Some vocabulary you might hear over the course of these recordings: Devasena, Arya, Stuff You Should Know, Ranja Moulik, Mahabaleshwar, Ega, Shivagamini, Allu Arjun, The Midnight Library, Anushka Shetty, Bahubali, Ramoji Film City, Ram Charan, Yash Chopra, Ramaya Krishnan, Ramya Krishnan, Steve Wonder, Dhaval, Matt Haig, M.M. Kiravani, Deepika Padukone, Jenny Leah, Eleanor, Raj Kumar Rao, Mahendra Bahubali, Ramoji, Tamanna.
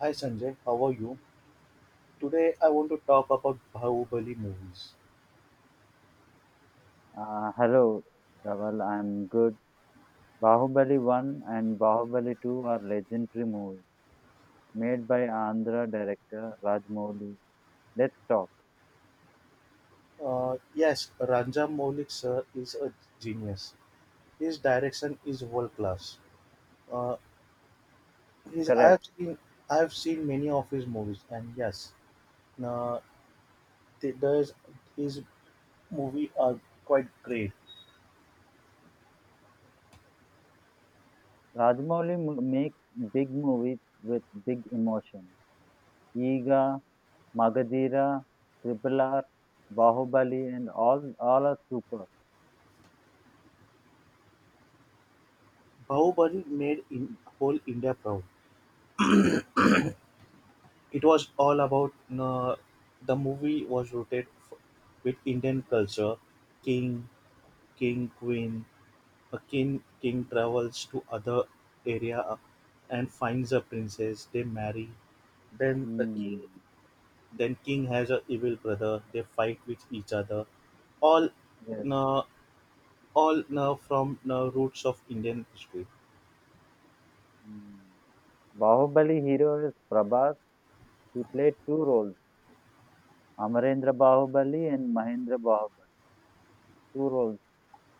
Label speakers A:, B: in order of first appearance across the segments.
A: Hi Sanjay, how are you? Today I want to talk about Bahubali movies.
B: Hello, Dhaval. I'm good. Bahubali 1 and Bahubali 2 are legendary movies made by Andhra director Rajamouli. Let's talk.
A: Yes, Ranja Moulik sir is a genius. His direction is world class. Uh, his I have
B: Correct.
A: seen many of his movies, and yes, uh, there's his movie are quite great.
B: Rajamouli makes big movies with big emotion. Ega, Magadira, Triple R, Bahubali, and all are super.
A: Bahubali made in whole India proud. It was all about uh, the movie was rooted with Indian culture, king, king, queen. A king travels to other area and finds a princess. They marry. Then the king,
B: Hmm.
A: then king has a evil brother. They fight with each other. All
B: Yes.
A: uh, all from roots of Indian history.
B: Hmm. Bahubali hero is Prabhas. He played two roles, Amarendra Bahubali and Mahendra Bahubali. Two roles,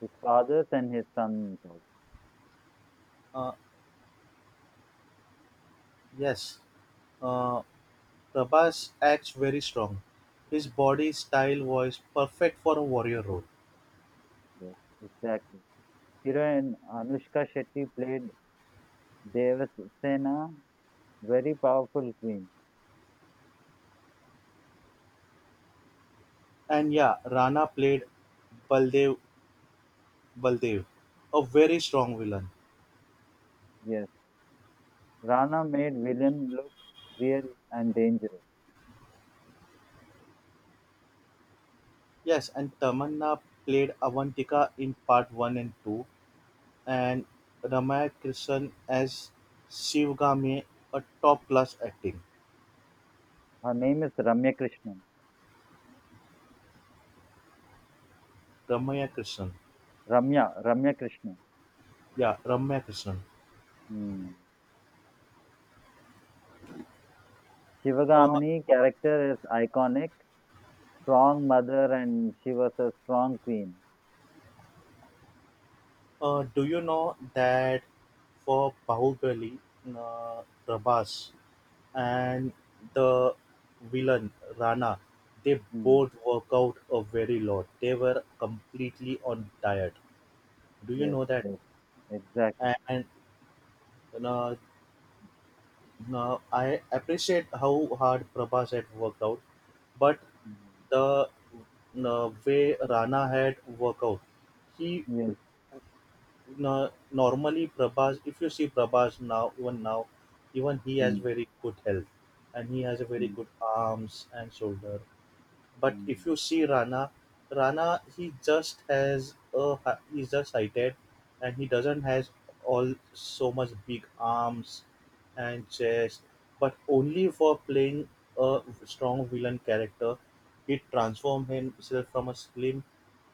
B: his fathers and his sons also.
A: Uh, yes, uh, Prabhas acts very strong. His body style was perfect for a warrior role.
B: Yes, exactly. Hira and Anushka Shetty played Devasena, very powerful queen.
A: And yeah, Rana played Baldev Baldev, a very strong villain.
B: Yes. Rana made villain look real and dangerous.
A: Yes, and Tamanna played Avantika in part 1 and 2, and Ramaya Krishnan as Shivgami, a top class acting.
B: Her name is Ramya Krishnan.
A: Ramaya Krishnan.
B: Ramya Krishnan.
A: Yeah, Ramaya Krishnan.
B: Hmm.
A: Uh,
B: Shivagamini character is iconic, strong mother and she was a strong queen.
A: do you know that for Bahubali, Prabhas and the villain Rana, they
B: Mm.
A: both work out a very lot. They were completely on diet. Do you
B: Yes,
A: know that?
B: yes, exactly.
A: And uh, Now, I appreciate how hard Prabhas had worked out, but
B: Mm.
A: the way Rana had worked out, he
B: Yes.
A: normally Prabhas. If you see Prabhas now, even he has
B: Mm.
A: very good health, and he has a very
B: Mm.
A: good arms and shoulder, but if you see Rana, Rana he just has a he's just sighted, and he doesn't has all so much big arms and chest. But only for playing a strong villain character, he transformed himself from a slim you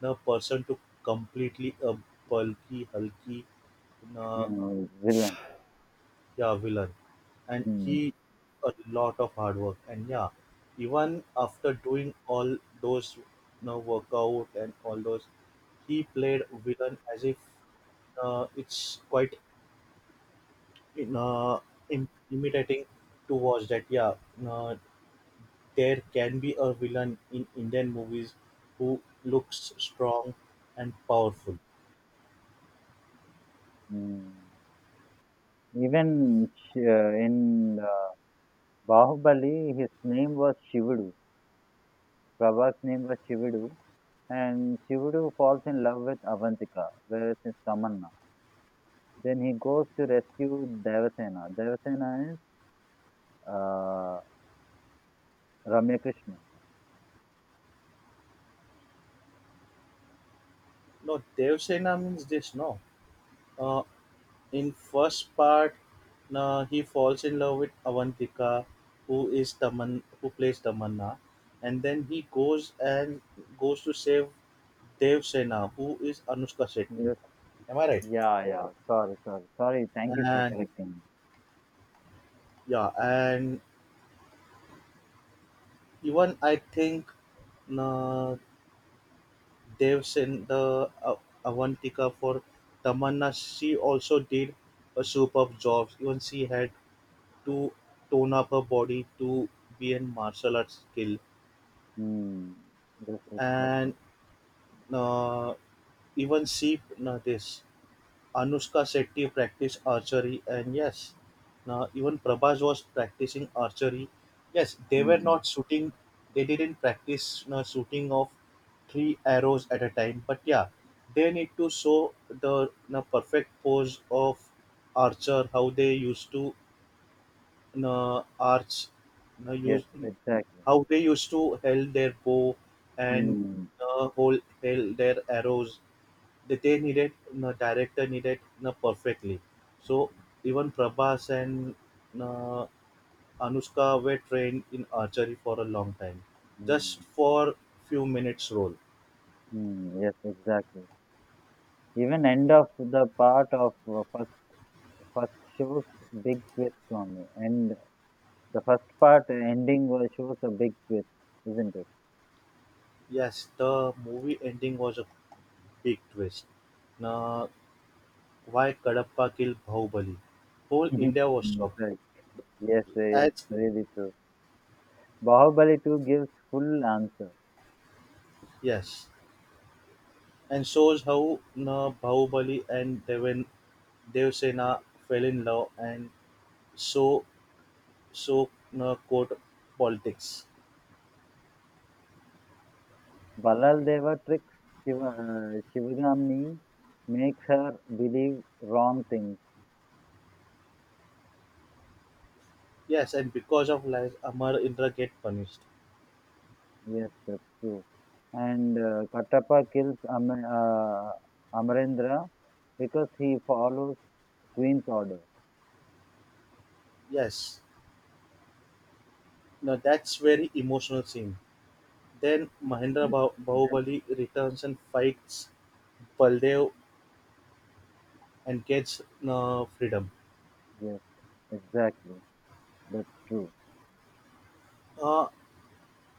A: know, person to completely a bulky, hulky, you know,
B: Mm. Mm.
A: yeah villain and
B: Hmm.
A: he a lot of hard work and yeah even after doing all those workout and all those he played villain as if it's quite in, uh, imitating to watch that yeah uh, there can be a villain in indian movies who looks strong and powerful.
B: Hmm. In Bahubali, his name was Shivudu. Prabhas' name was Shivudu, and Shivudu falls in love with Avantika, whereas is Tamanna. Then he goes to rescue Devasena. Devasena is uh, Ramya Krishnan.
A: No, Devsena means this. No, uh, in first part, he falls in love with Avantika, who is Taman, who plays Tamanna, and then he goes and goes to save Dev Sena, who is Anushka Shetty.
B: Yes.
A: Am I right?
B: Yeah, yeah. Sorry. Thank you for
A: And
B: correcting me.
A: yeah, and even I think uh, Dev Sen, the Avantika for Tamanna, she also did a superb job. Even she had to tone up her body to be in martial arts skill
B: Mm, this exactly.
A: and uh, even see this Anushka Shetty practice archery, and yes, now even Prabhas was practicing archery. Yes, they were
B: Mm,
A: not shooting; they didn't practice shooting of three arrows at a time. But yeah, they need to show the perfect pose of archer, how they used to uh, arch,
B: yes,
A: use
B: exactly.
A: how they used to held their bow and
B: Mm,
A: hold held their arrows. That they needed the director needed perfectly. So even Prabhas and uh, Anushka were trained in archery for a long time, just
B: mm,
A: for few minutes role.
B: mm, yes, exactly. Even end of the part of first first shows big twist only, and the first part ending was shows a big twist, isn't it?
A: Yes, the movie ending was a big twist. Now, why Kadapa killed Bahubali? Whole
B: Mhm.
A: India was
B: Mm,
A: shocked.
B: right. Yes, yes,
A: As
B: really true. Bahubali 2 gives full answer.
A: yes, and shows how na Bahubali and Devan Devsena fell in love and so so court politics.
B: Balal Deva tricks Shivagami, makes her believe wrong things.
A: Yes, and because of lies, Amar Indra get punished.
B: Yes, that's true. And Kattappa kills Amarendra because he follows Queen's order.
A: Yes, now that's very emotional scene. Then Mahendra
B: Yes, yes,
A: Bahubali returns and fights Baldev and gets freedom.
B: yes, exactly. That's true.
A: Uh,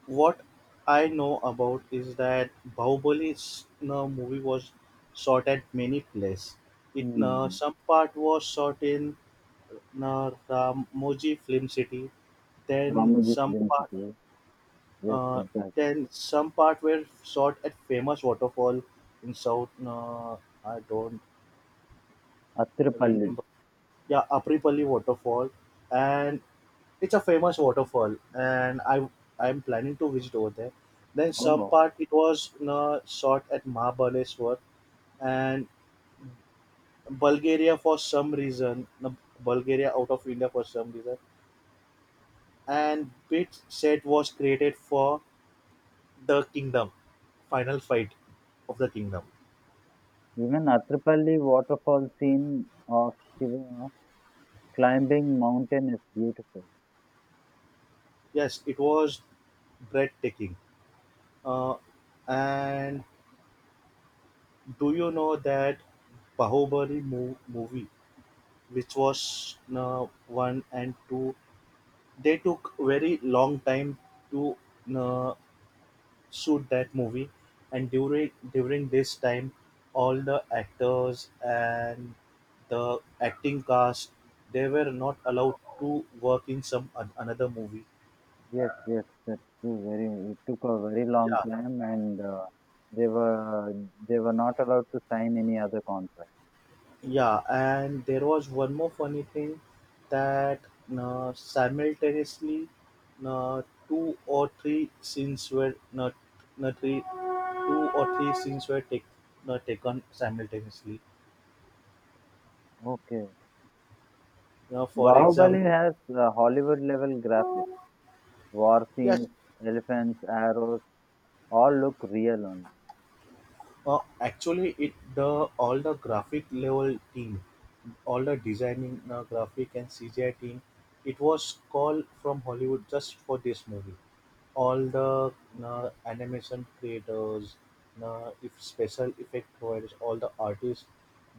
A: what I know about is that Bahubali's movie was shot at many places. It
B: Hmm.
A: some part was shot in na Ramoji Film City. Then
B: Ramoji's
A: some part,
B: density. Yes,
A: uh,
B: exactly.
A: were shot at famous waterfall in South. I don't
B: Atrapalli.
A: remember. Yeah, Apripalli waterfall, and it's a famous waterfall, and I'm planning to visit over there. Then some
B: Oh,
A: part it was shot at Mahabaleshwar and Bulgaria for some reason. Bulgaria out of India for some reason, and bit set was created for The Kingdom, Final Fight of the Kingdom.
B: even Atrapalli waterfall scene of Shiva climbing mountain is beautiful.
A: Yes, it was breathtaking. Uh, and do you know that Bahubali movie, which was one and two, they took very long time to uh, shoot that movie, and during this time, all the actors and the acting cast they were not allowed to work in some another movie.
B: Yes, yes, that's true. Very, it took a very long
A: Yeah.
B: time, and they were they were not allowed to sign any other contract.
A: Yeah, and there was one more funny thing that simultaneously two or three scenes were not not three two or three scenes were not taken simultaneously.
B: Okay.
A: You know, for
B: Bahubali
A: example,
B: has uh, Hollywood level graphics, war
A: yes.
B: scenes, elephants, arrows, all look real only.
A: Actually, it the all the graphic level team, all the designing graphic and CGI team, it was called from Hollywood just for this movie. All the animation creators, if special effect providers, all the artists,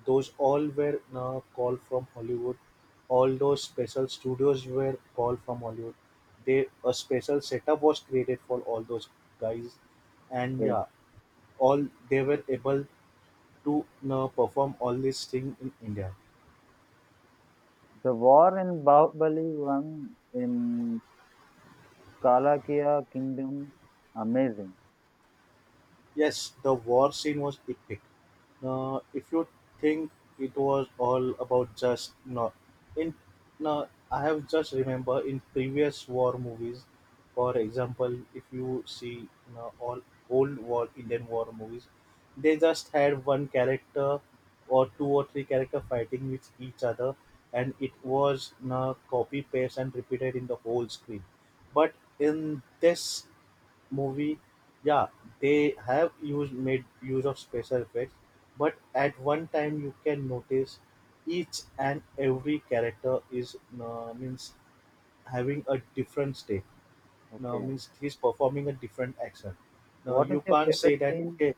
A: those all were called from Hollywood. All those special studios were called from Hollywood. They a special setup was created for all those guys, and
B: Yes,
A: yeah, all they were able to now perform all these things in India.
B: the war in Bahubali one in Kalakya Kingdom, amazing.
A: Yes, the war scene was epic. Now, if you think it was all about just no, in now I have just remember in previous war movies, for example, if you see now all old war Indian war movies, they just had one character or two or three character fighting with each other, and it was now copy paste and repeated in the whole screen. But in this movie, yeah, they have used made use of special effects, but at one time you can notice each and every character is means having a different stake. Now
B: Okay,
A: means he's performing a different action. Now
B: what is
A: you
B: your
A: can't say
B: favorite
A: that
B: scene?
A: okay.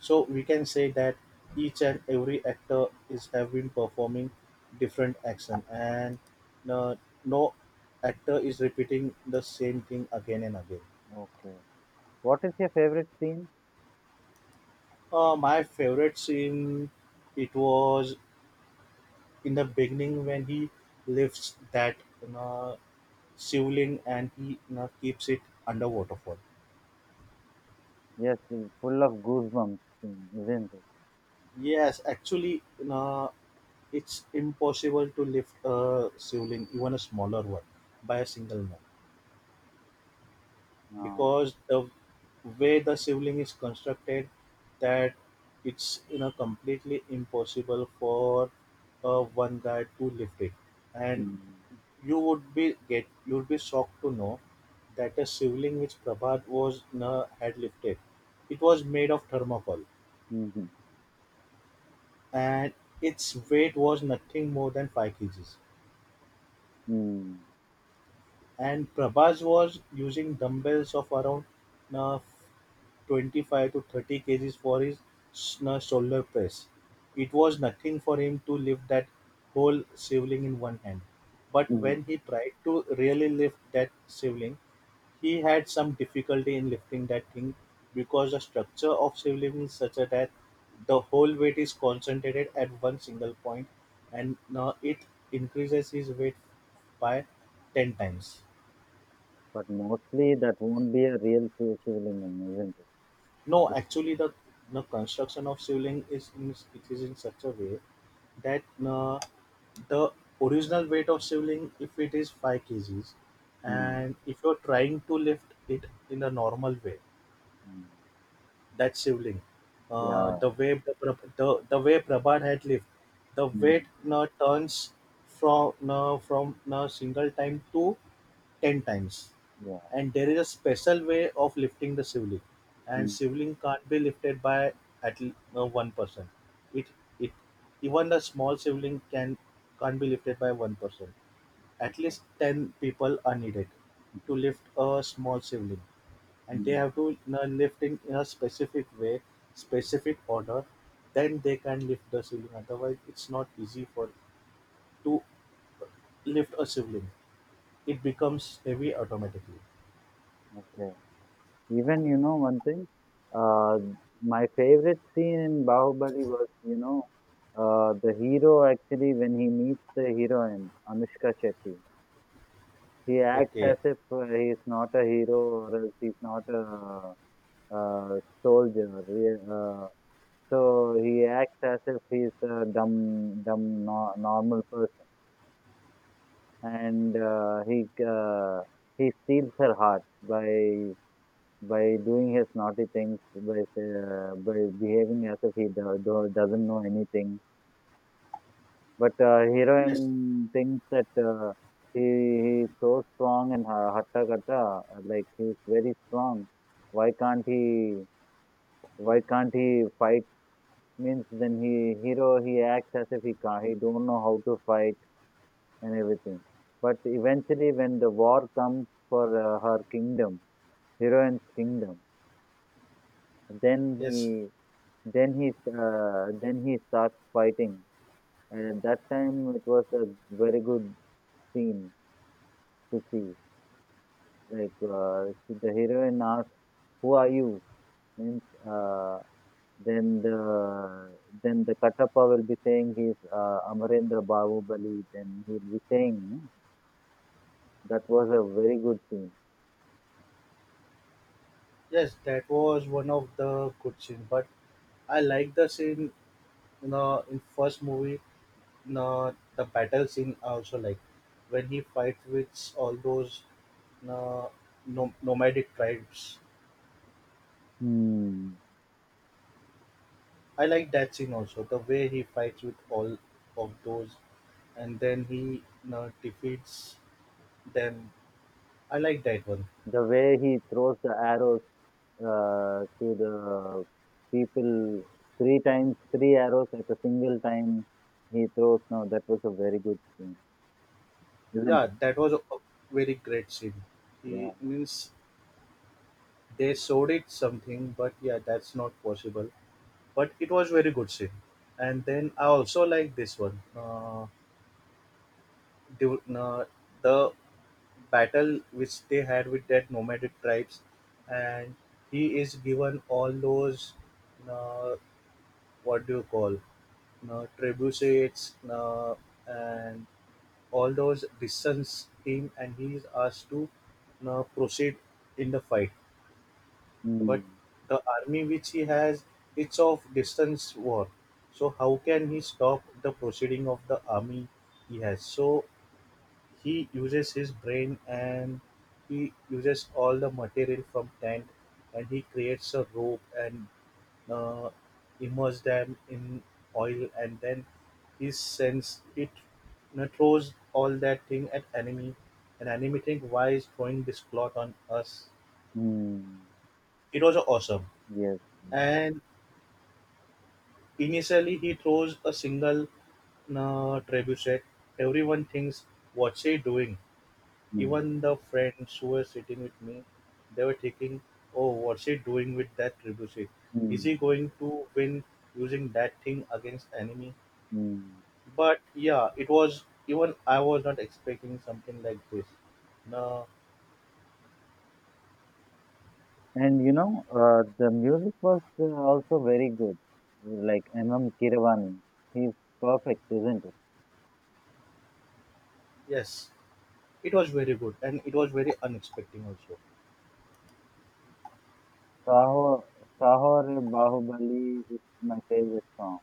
A: So we can say that each and every actor is have been performing different action, and uh, no actor is repeating the same thing again and again.
B: Okay, what is your favorite scene?
A: My favorite scene it was in the beginning when he lifts that you know, shivling and he keeps it under waterfall.
B: Yes, it's full of goosebumps scene, isn't it?
A: Yes, actually, you know, it's impossible to lift a shivling, even a smaller one, by a single man
B: Um,
A: because the way the shivling is constructed, that it's you know completely impossible for one guy to lift it, and
B: mm,
A: You would be shocked to know that a shivling which Prabhat was had lifted, it was made of thermocol,
B: mhm,
A: and its weight was nothing more than 5 kgs.
B: mm,
A: And Prabhat was using dumbbells of around uh, 25 to 30 kgs for his shoulder press. It was nothing for him to lift that whole shivling in one hand. But
B: mm.
A: when he tried to really lift that shivling, he had some difficulty in lifting that thing because the structure of civilism is such a that the whole weight is concentrated at one single point and it increases his weight by 10 times.
B: But mostly that won't be a real Shivalingam, isn't it?
A: No, actually, the construction of shivling is in, it is in such a way that the original weight of shivling, if it is 5 kgs,
B: Mm,
A: and if you're trying to lift it in a normal way,
B: mm,
A: that shivling,
B: yeah,
A: the way Prabhat had lived, the weight
B: mm,
A: turns from a single time to 10 times,
B: yeah,
A: and there is a special way of lifting the shivling, and
B: mm,
A: shivling can't be lifted by one person. It it even the small shivling can't be lifted by one person. At least 10 people are needed to lift a small sibling, and they have
B: mm.
A: to lift in a specific way, specific order, then they can lift the sibling. Otherwise, it's not easy for to lift a sibling. It becomes heavy automatically.
B: Okay. Even you know one thing, uh, my favorite scene in Bahubali was you know the hero actually when he meets the heroine Anushka Shetty. He acts
A: Okay.
B: as if he is not a hero or else he's not a, uh soldier. So he acts as if he's a dumb, dumb no- normal person, and uh, he steals her heart by by doing his naughty things, by behaving as if he doesn't know anything. But
A: Yes.
B: heroine thinks that uh, he is so strong and hatta kata, like he's very strong. Why can't he? Why can't he fight? Means then he acts as if he can't. He don't know how to fight and everything. But eventually, when the war comes for her kingdom, heroine's kingdom, then he
A: Yes.
B: then he starts fighting, and at that time it was a very good scene to see. Like the heroine asks, "Who are you?" Means uh, then the Katappa will be saying he's Amarendra Bahubali. Then he'll be saying, "Hmm, that was a very good scene."
A: Yes, that was one of the good scene. But I like the scene. You know, in first movie, you know, the battle scene. I also like when he fights with all those uh, no, nomadic tribes.
B: Hmm.
A: I like that scene also, the way he fights with all of those and then he defeats them. I like that one.
B: The way he throws the arrow to the people three times, three arrows at a single time he throws. No, that was a very good scene, isn't
A: Yeah,
B: it?
A: that was a very great scene.
B: Yeah.
A: He means they showed it something, but yeah, that's not possible. But it was very good scene. And then I also like this one. The, uh, the battle which they had with that nomadic tribes, and he is given all those uh, what do you call trebuchets and all those distance team, and he is asked to proceed in the fight. But
B: Mm.
A: the army which he has, it's of distance war, so how can he stop the proceeding of the army he has? So he uses his brain and he uses all the material from tent, and he creates a rope and uh, immerse them in oil, and then he sends it, throws all that thing at enemy, and enemy think, why is throwing this cloth on us?
B: Mm.
A: It was awesome.
B: Yes.
A: And initially he throws a single trebuchet, everyone thinks, what's he doing?
B: Mm.
A: Even the friends who were sitting with me, they were thinking, oh, what's he doing with that trebuchet? Is he
B: Mm.
A: going to win using that thing against enemy?
B: Mm.
A: But yeah, it was, even I was not expecting something like this. No,
B: And you know, the music was also very good. Like M.M. Kiravani, he's perfect, isn't it?
A: yes, it was very good and it was very unexpected also.
B: Saho, Saho Re Bahubali is my favorite song.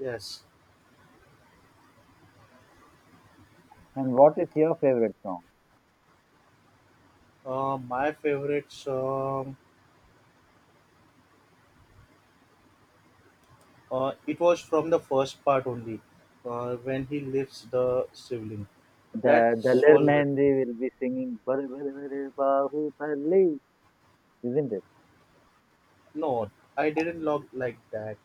A: Yes,
B: And what is your favorite song?
A: my favorites. It was from the first part only, when he lifts the sibling. That
B: The Daler
A: was very—
B: Mehndi will be singing "Bale Bale Bale Bahubali," isn't it?
A: No, I didn't log like that,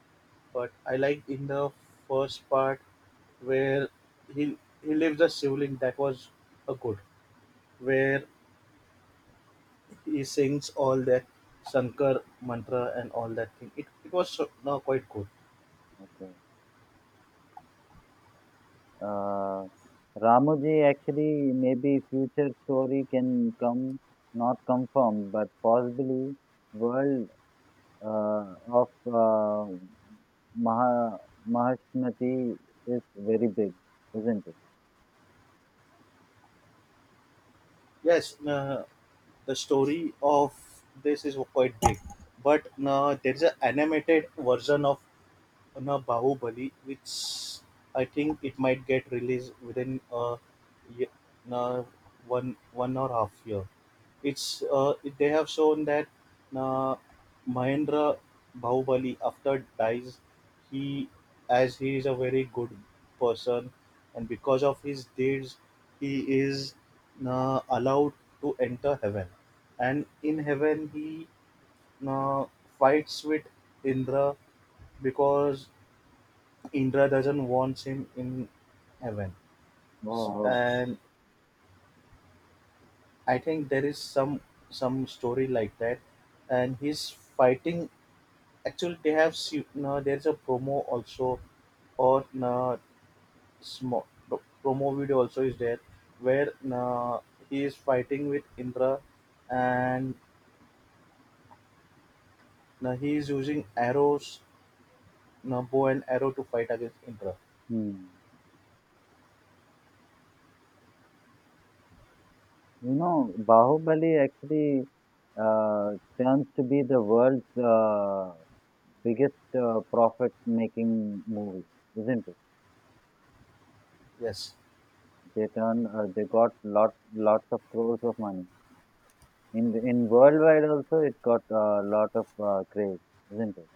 A: but I liked in the first part where he he leaves the sibling, that was a good, where he sings all that Shankar mantra and all that thing. It was so— no, quite good.
B: Okay. Uh, Ramoji, actually, maybe future story can come, not confirmed, but possibly world of Maha, Mahashmati is very big, isn't it?
A: Yes, no, the story of this is quite big, but no, there is an animated version of na Bahubali, which I think it might get released within ye- na one or half year. They have shown that na Mahendra Bahubali after dies, he, as he is a very good person, and because of his deeds, he is na allowed to enter heaven, and in heaven he na fights with Indra because Indra doesn't want him in heaven,
B: Oh, oh.
A: and I think there is some story like that, and he's fighting. Actually, they have no, there's a promo also, or no, small promo video also is there, where no, he is fighting with Indra, and no, he is using arrows, no, bow and arrow to fight against Indra.
B: Hmm. You know, Bahubali actually uh, turns to be the world's biggest profit-making movie, isn't it?
A: Yes.
B: They turn, they got lot lots of crores of money. In worldwide also, it got a lot of craze, isn't it?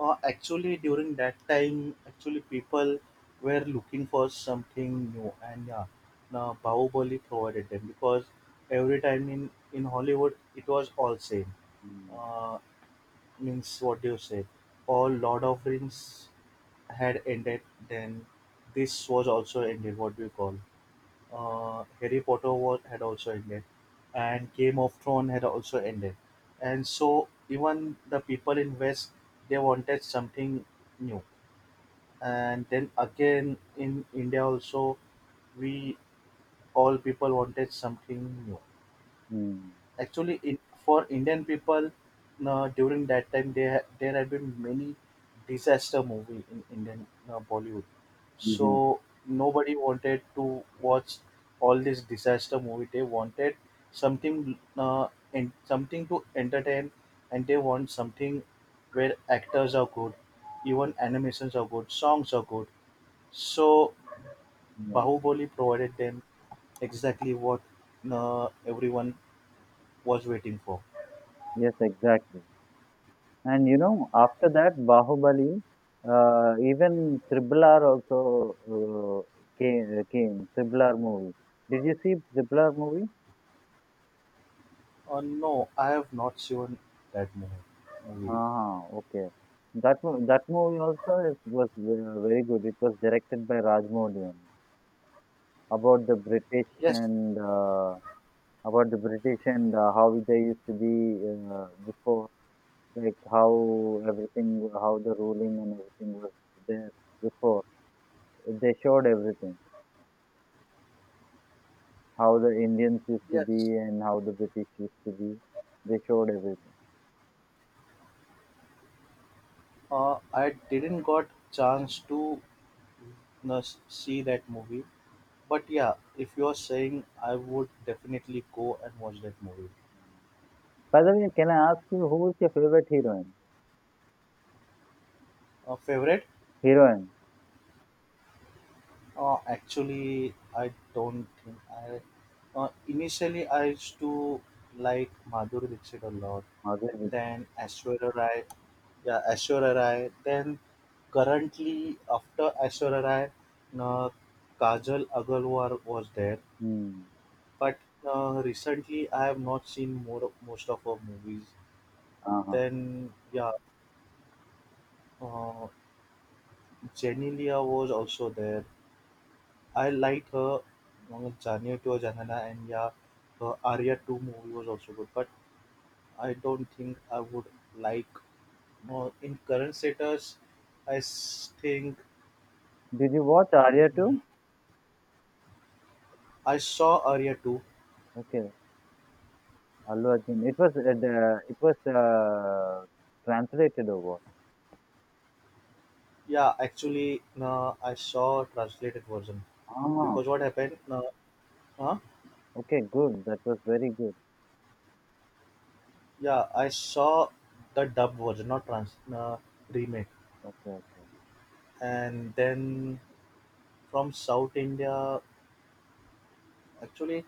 A: Actually, during that time, actually people were looking for something new, and yeah, now Bahubali provided them because every time in Hollywood it was all same.
B: Mm.
A: Uh, Means what do you say? All Lord of Rings had ended, then this was also ended. What do you call? Harry Potter was had also ended, and Game of Thrones had also ended, and so even the people in West, they wanted something new. And then again in India also, we all people wanted something new.
B: Mm.
A: Actually in, for Indian people, during that time there had been many disaster movie in Indian Bollywood, so
B: Hmm.
A: nobody wanted to watch all this disaster movie. They wanted something and something to entertain, and they want something where actors are good, even animations are good, songs are good. So
B: Yeah.
A: Bahubali provided them exactly what everyone was waiting for.
B: Yes, exactly. And you know, after that, Bahubali, even Triple R also Triple R movie. Did you see Triple R movie?
A: No, I have not seen that movie.
B: Ah, okay. That movie also is, was very good. It was directed by Rajamouli only. About the British
A: Yes,
B: and about the British and how they used to be before, like how everything, how the ruling and everything was there before. They showed everything. How the Indians used to be
A: yes.
B: and how the British used to be. They showed everything.
A: I didn't got chance to see that movie. But yeah, if you are saying, I would definitely go and watch that movie.
B: By the way, can I ask you who is your favorite heroine?
A: Favorite?
B: Heroine.
A: Actually, I don't think I. Initially, I used to like Madhuri Dixit a lot,
B: Madhuri Dixit.
A: then Aishwarya Rai, yeah, Aishwarya Rai. Then currently, after Aishwarya Rai, uh, Kajal Agarwal was there.
B: Hmm.
A: But recently, I have not seen more most of her movies.
B: Uh-huh.
A: Then yeah, uh, Jenny Leah was also there. I like her Jaane to Janana, and yeah, her Arya 2 movie was also good, but I don't think I would like, in current status. I s- think
B: Did you watch Arya
A: mm,
B: too?
A: I saw Arya 2.
B: Okay. Allu Arjun. It was translated or what?
A: Yeah, actually, no, I saw translated version
B: Ah.
A: because what happened? No, huh?
B: Okay. Good. That was very good.
A: Yeah, I saw the dubbed version, not trans remake,
B: Okay. Okay.
A: and then from South India, actually.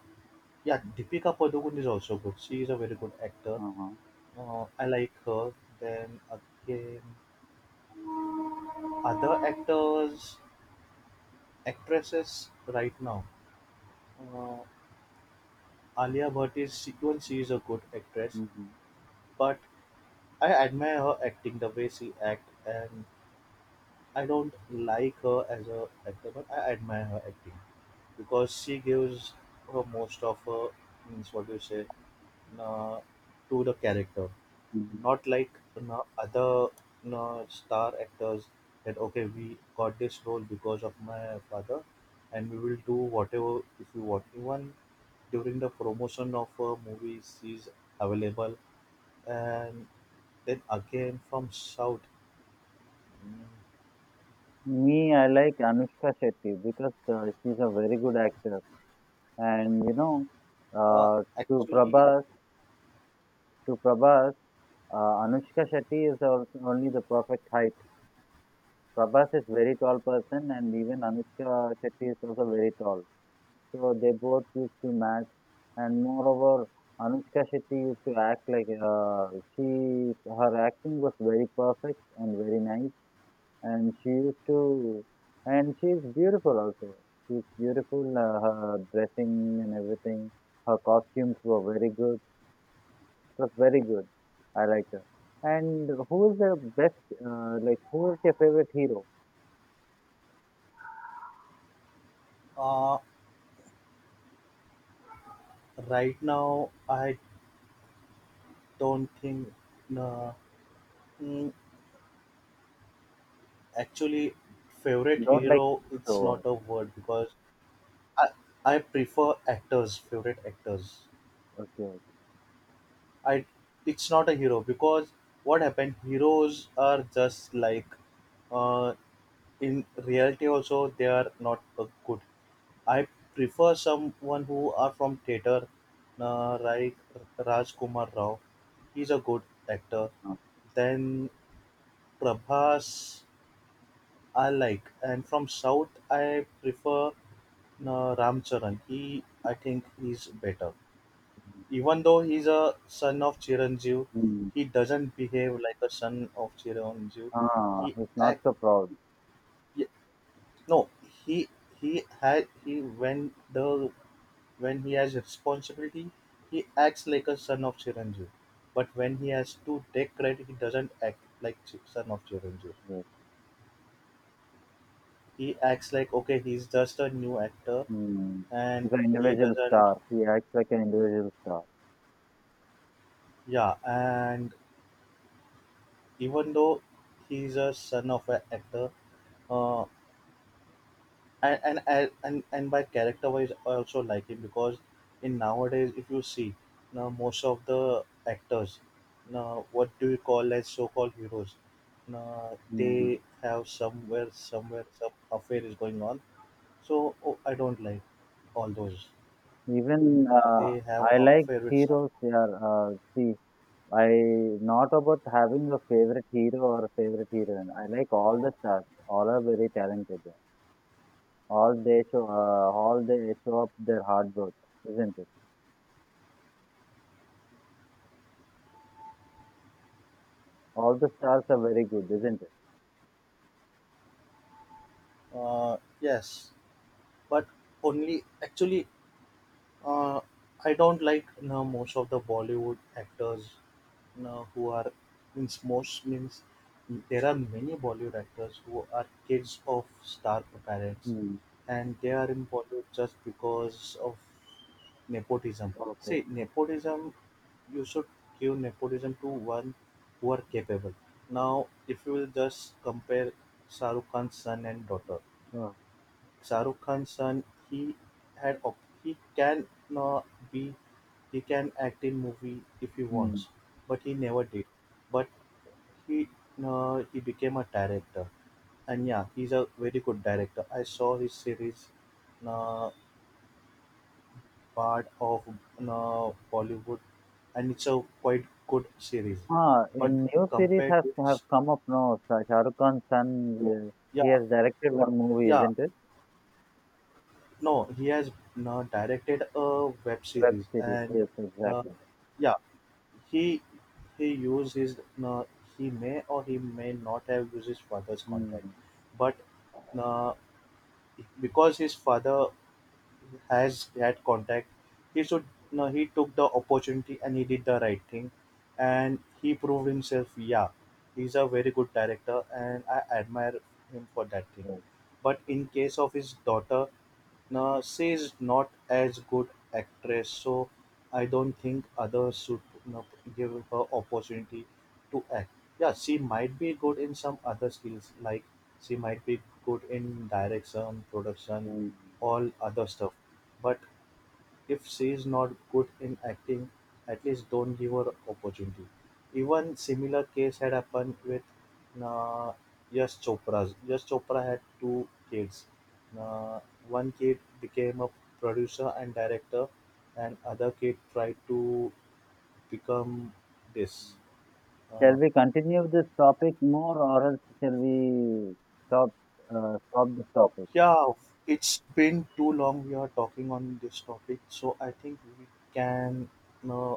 A: Yeah, Deepika Padukone is also good. She is a very good actor.
B: Uh-huh.
A: I like her. Then again, other actors, actresses right now. Uh, Alia Bhatt even she is a good actress,
B: Mm-hmm.
A: but I admire her acting the way she act, and I don't like her as a actor, but I admire her acting because she gives her most of her, means what do you say, uh, to the character.
B: Hmm.
A: Not like no other no star actors that okay, we got this role because of my father and we will do whatever if we want. Even during the promotion of a movie she's available, and then again from South. Mm,
B: Me, I like Anushka Shetty because she's a very good actor, and you know,
A: Uh,
B: uh, to
A: Actually,
B: Prabhas, to Prabhas, Anushka Shetty is also only the perfect height. Prabhas is very tall person and even Anushka Shetty is also very tall. So they both used to match and moreover Anushka Shetty used to act like she her acting was very perfect and very nice and she used to and she is beautiful also. She's beautiful her dressing and everything. Her costumes were very good. That's very good. I like that. And who is the best, who is your favorite hero?
A: uh, right now I don't think. uh, mm, Actually favorite
B: Not
A: hero, it's not
B: so,
A: a word, because I, I prefer actors, favorite actors.
B: okay, okay.
A: I It's not a hero because what happened? Heroes are just like, uh, in reality also they are not good. I prefer someone who are from theater, like Raj Kumar Rao. He's a good actor.
B: Uh,
A: Then Prabhas I like, and from South I prefer Ram Charan. He, I think he's better. Even though he's a son of Chiranjeev,
B: mm,
A: he doesn't behave like a son of Chiranjeev.
B: Ah,
A: He
B: he's not
A: act
B: so proud.
A: y- no. He he had he when the When he has responsibility, he acts like a son of Chiranjeev. But when he has to take credit, he doesn't act like son of Chiranjeev.
B: Yes.
A: He acts like okay, he's just a new actor,
B: Mm.
A: and
B: He's an
A: he
B: individual
A: doesn't
B: star. He acts like an individual star.
A: yeah. And even though he's a son of an actor, uh, and by character wise I also like him because in nowadays if you see, now most of the actors now, what do you call, as so-called heroes, now
B: Mm.
A: they have somewhere some affair is going on. So oh, I don't like all those.
B: Even
A: They have
B: I
A: a
B: like
A: affair with some,
B: heroes. Yeah, see, I not about having a favorite hero or a favorite heroine. I like all the stars. All are very talented. All they show up their hard work, isn't it? All the stars are very good, isn't it?
A: yes, but only actually, uh, I don't like now most of the Bollywood actors, who are, means there are many Bollywood actors who are kids of star parents,
B: Hmm.
A: and they are in Bollywood just because of nepotism.
B: Okay.
A: See, nepotism, you should give nepotism to one who are capable. Now, if you will just compare Shahrukh Khan's son and daughter,
B: Ah.
A: Shahrukh Khan's son, he had op- he can uh, be he can act in movie if he
B: Hmm.
A: wants, but he never did. But he he became a director, and yeah, he's a very good director. I saw his series, uh, part of Bollywood, and it's a quite good series.
B: Ah,
A: But
B: in new series
A: compared
B: has
A: to
B: have
A: his-
B: come up now. Shah Rukh Khan's son,
A: yeah,
B: he has directed one movie,
A: yeah,
B: isn't it?
A: no, he has directed a web
B: Web
A: series,
B: series.
A: and
B: Yes,
A: uh,
B: exactly.
A: yeah. He he used his, he may or he may not have used his father's contact,
B: Hmm.
A: but uh, because his father has had contact, he should, no, he took the opportunity and he did the right thing, and he proved himself. Yeah, he's a very good director, and I admire him for that thing.
B: Yes.
A: But in case of his daughter, now she's not as good actress, so I don't think others should, you know, give her opportunity to act. Yeah, she might be good in some other skills, like she might be good in direction, production,
B: Mm.
A: all other stuff. But if she is not good in acting, at least don't give her opportunity. Even similar case had happened with uh, Yash Chopra's. Yash Chopra had two kids. Uh, One kid became a producer and director, and other kid tried to become this.
B: Mm.
A: Uh,
B: Shall we continue this topic more, or else shall we stop? Stop this topic.
A: yeah, it's been too long we are talking on this topic, so I think we can uh,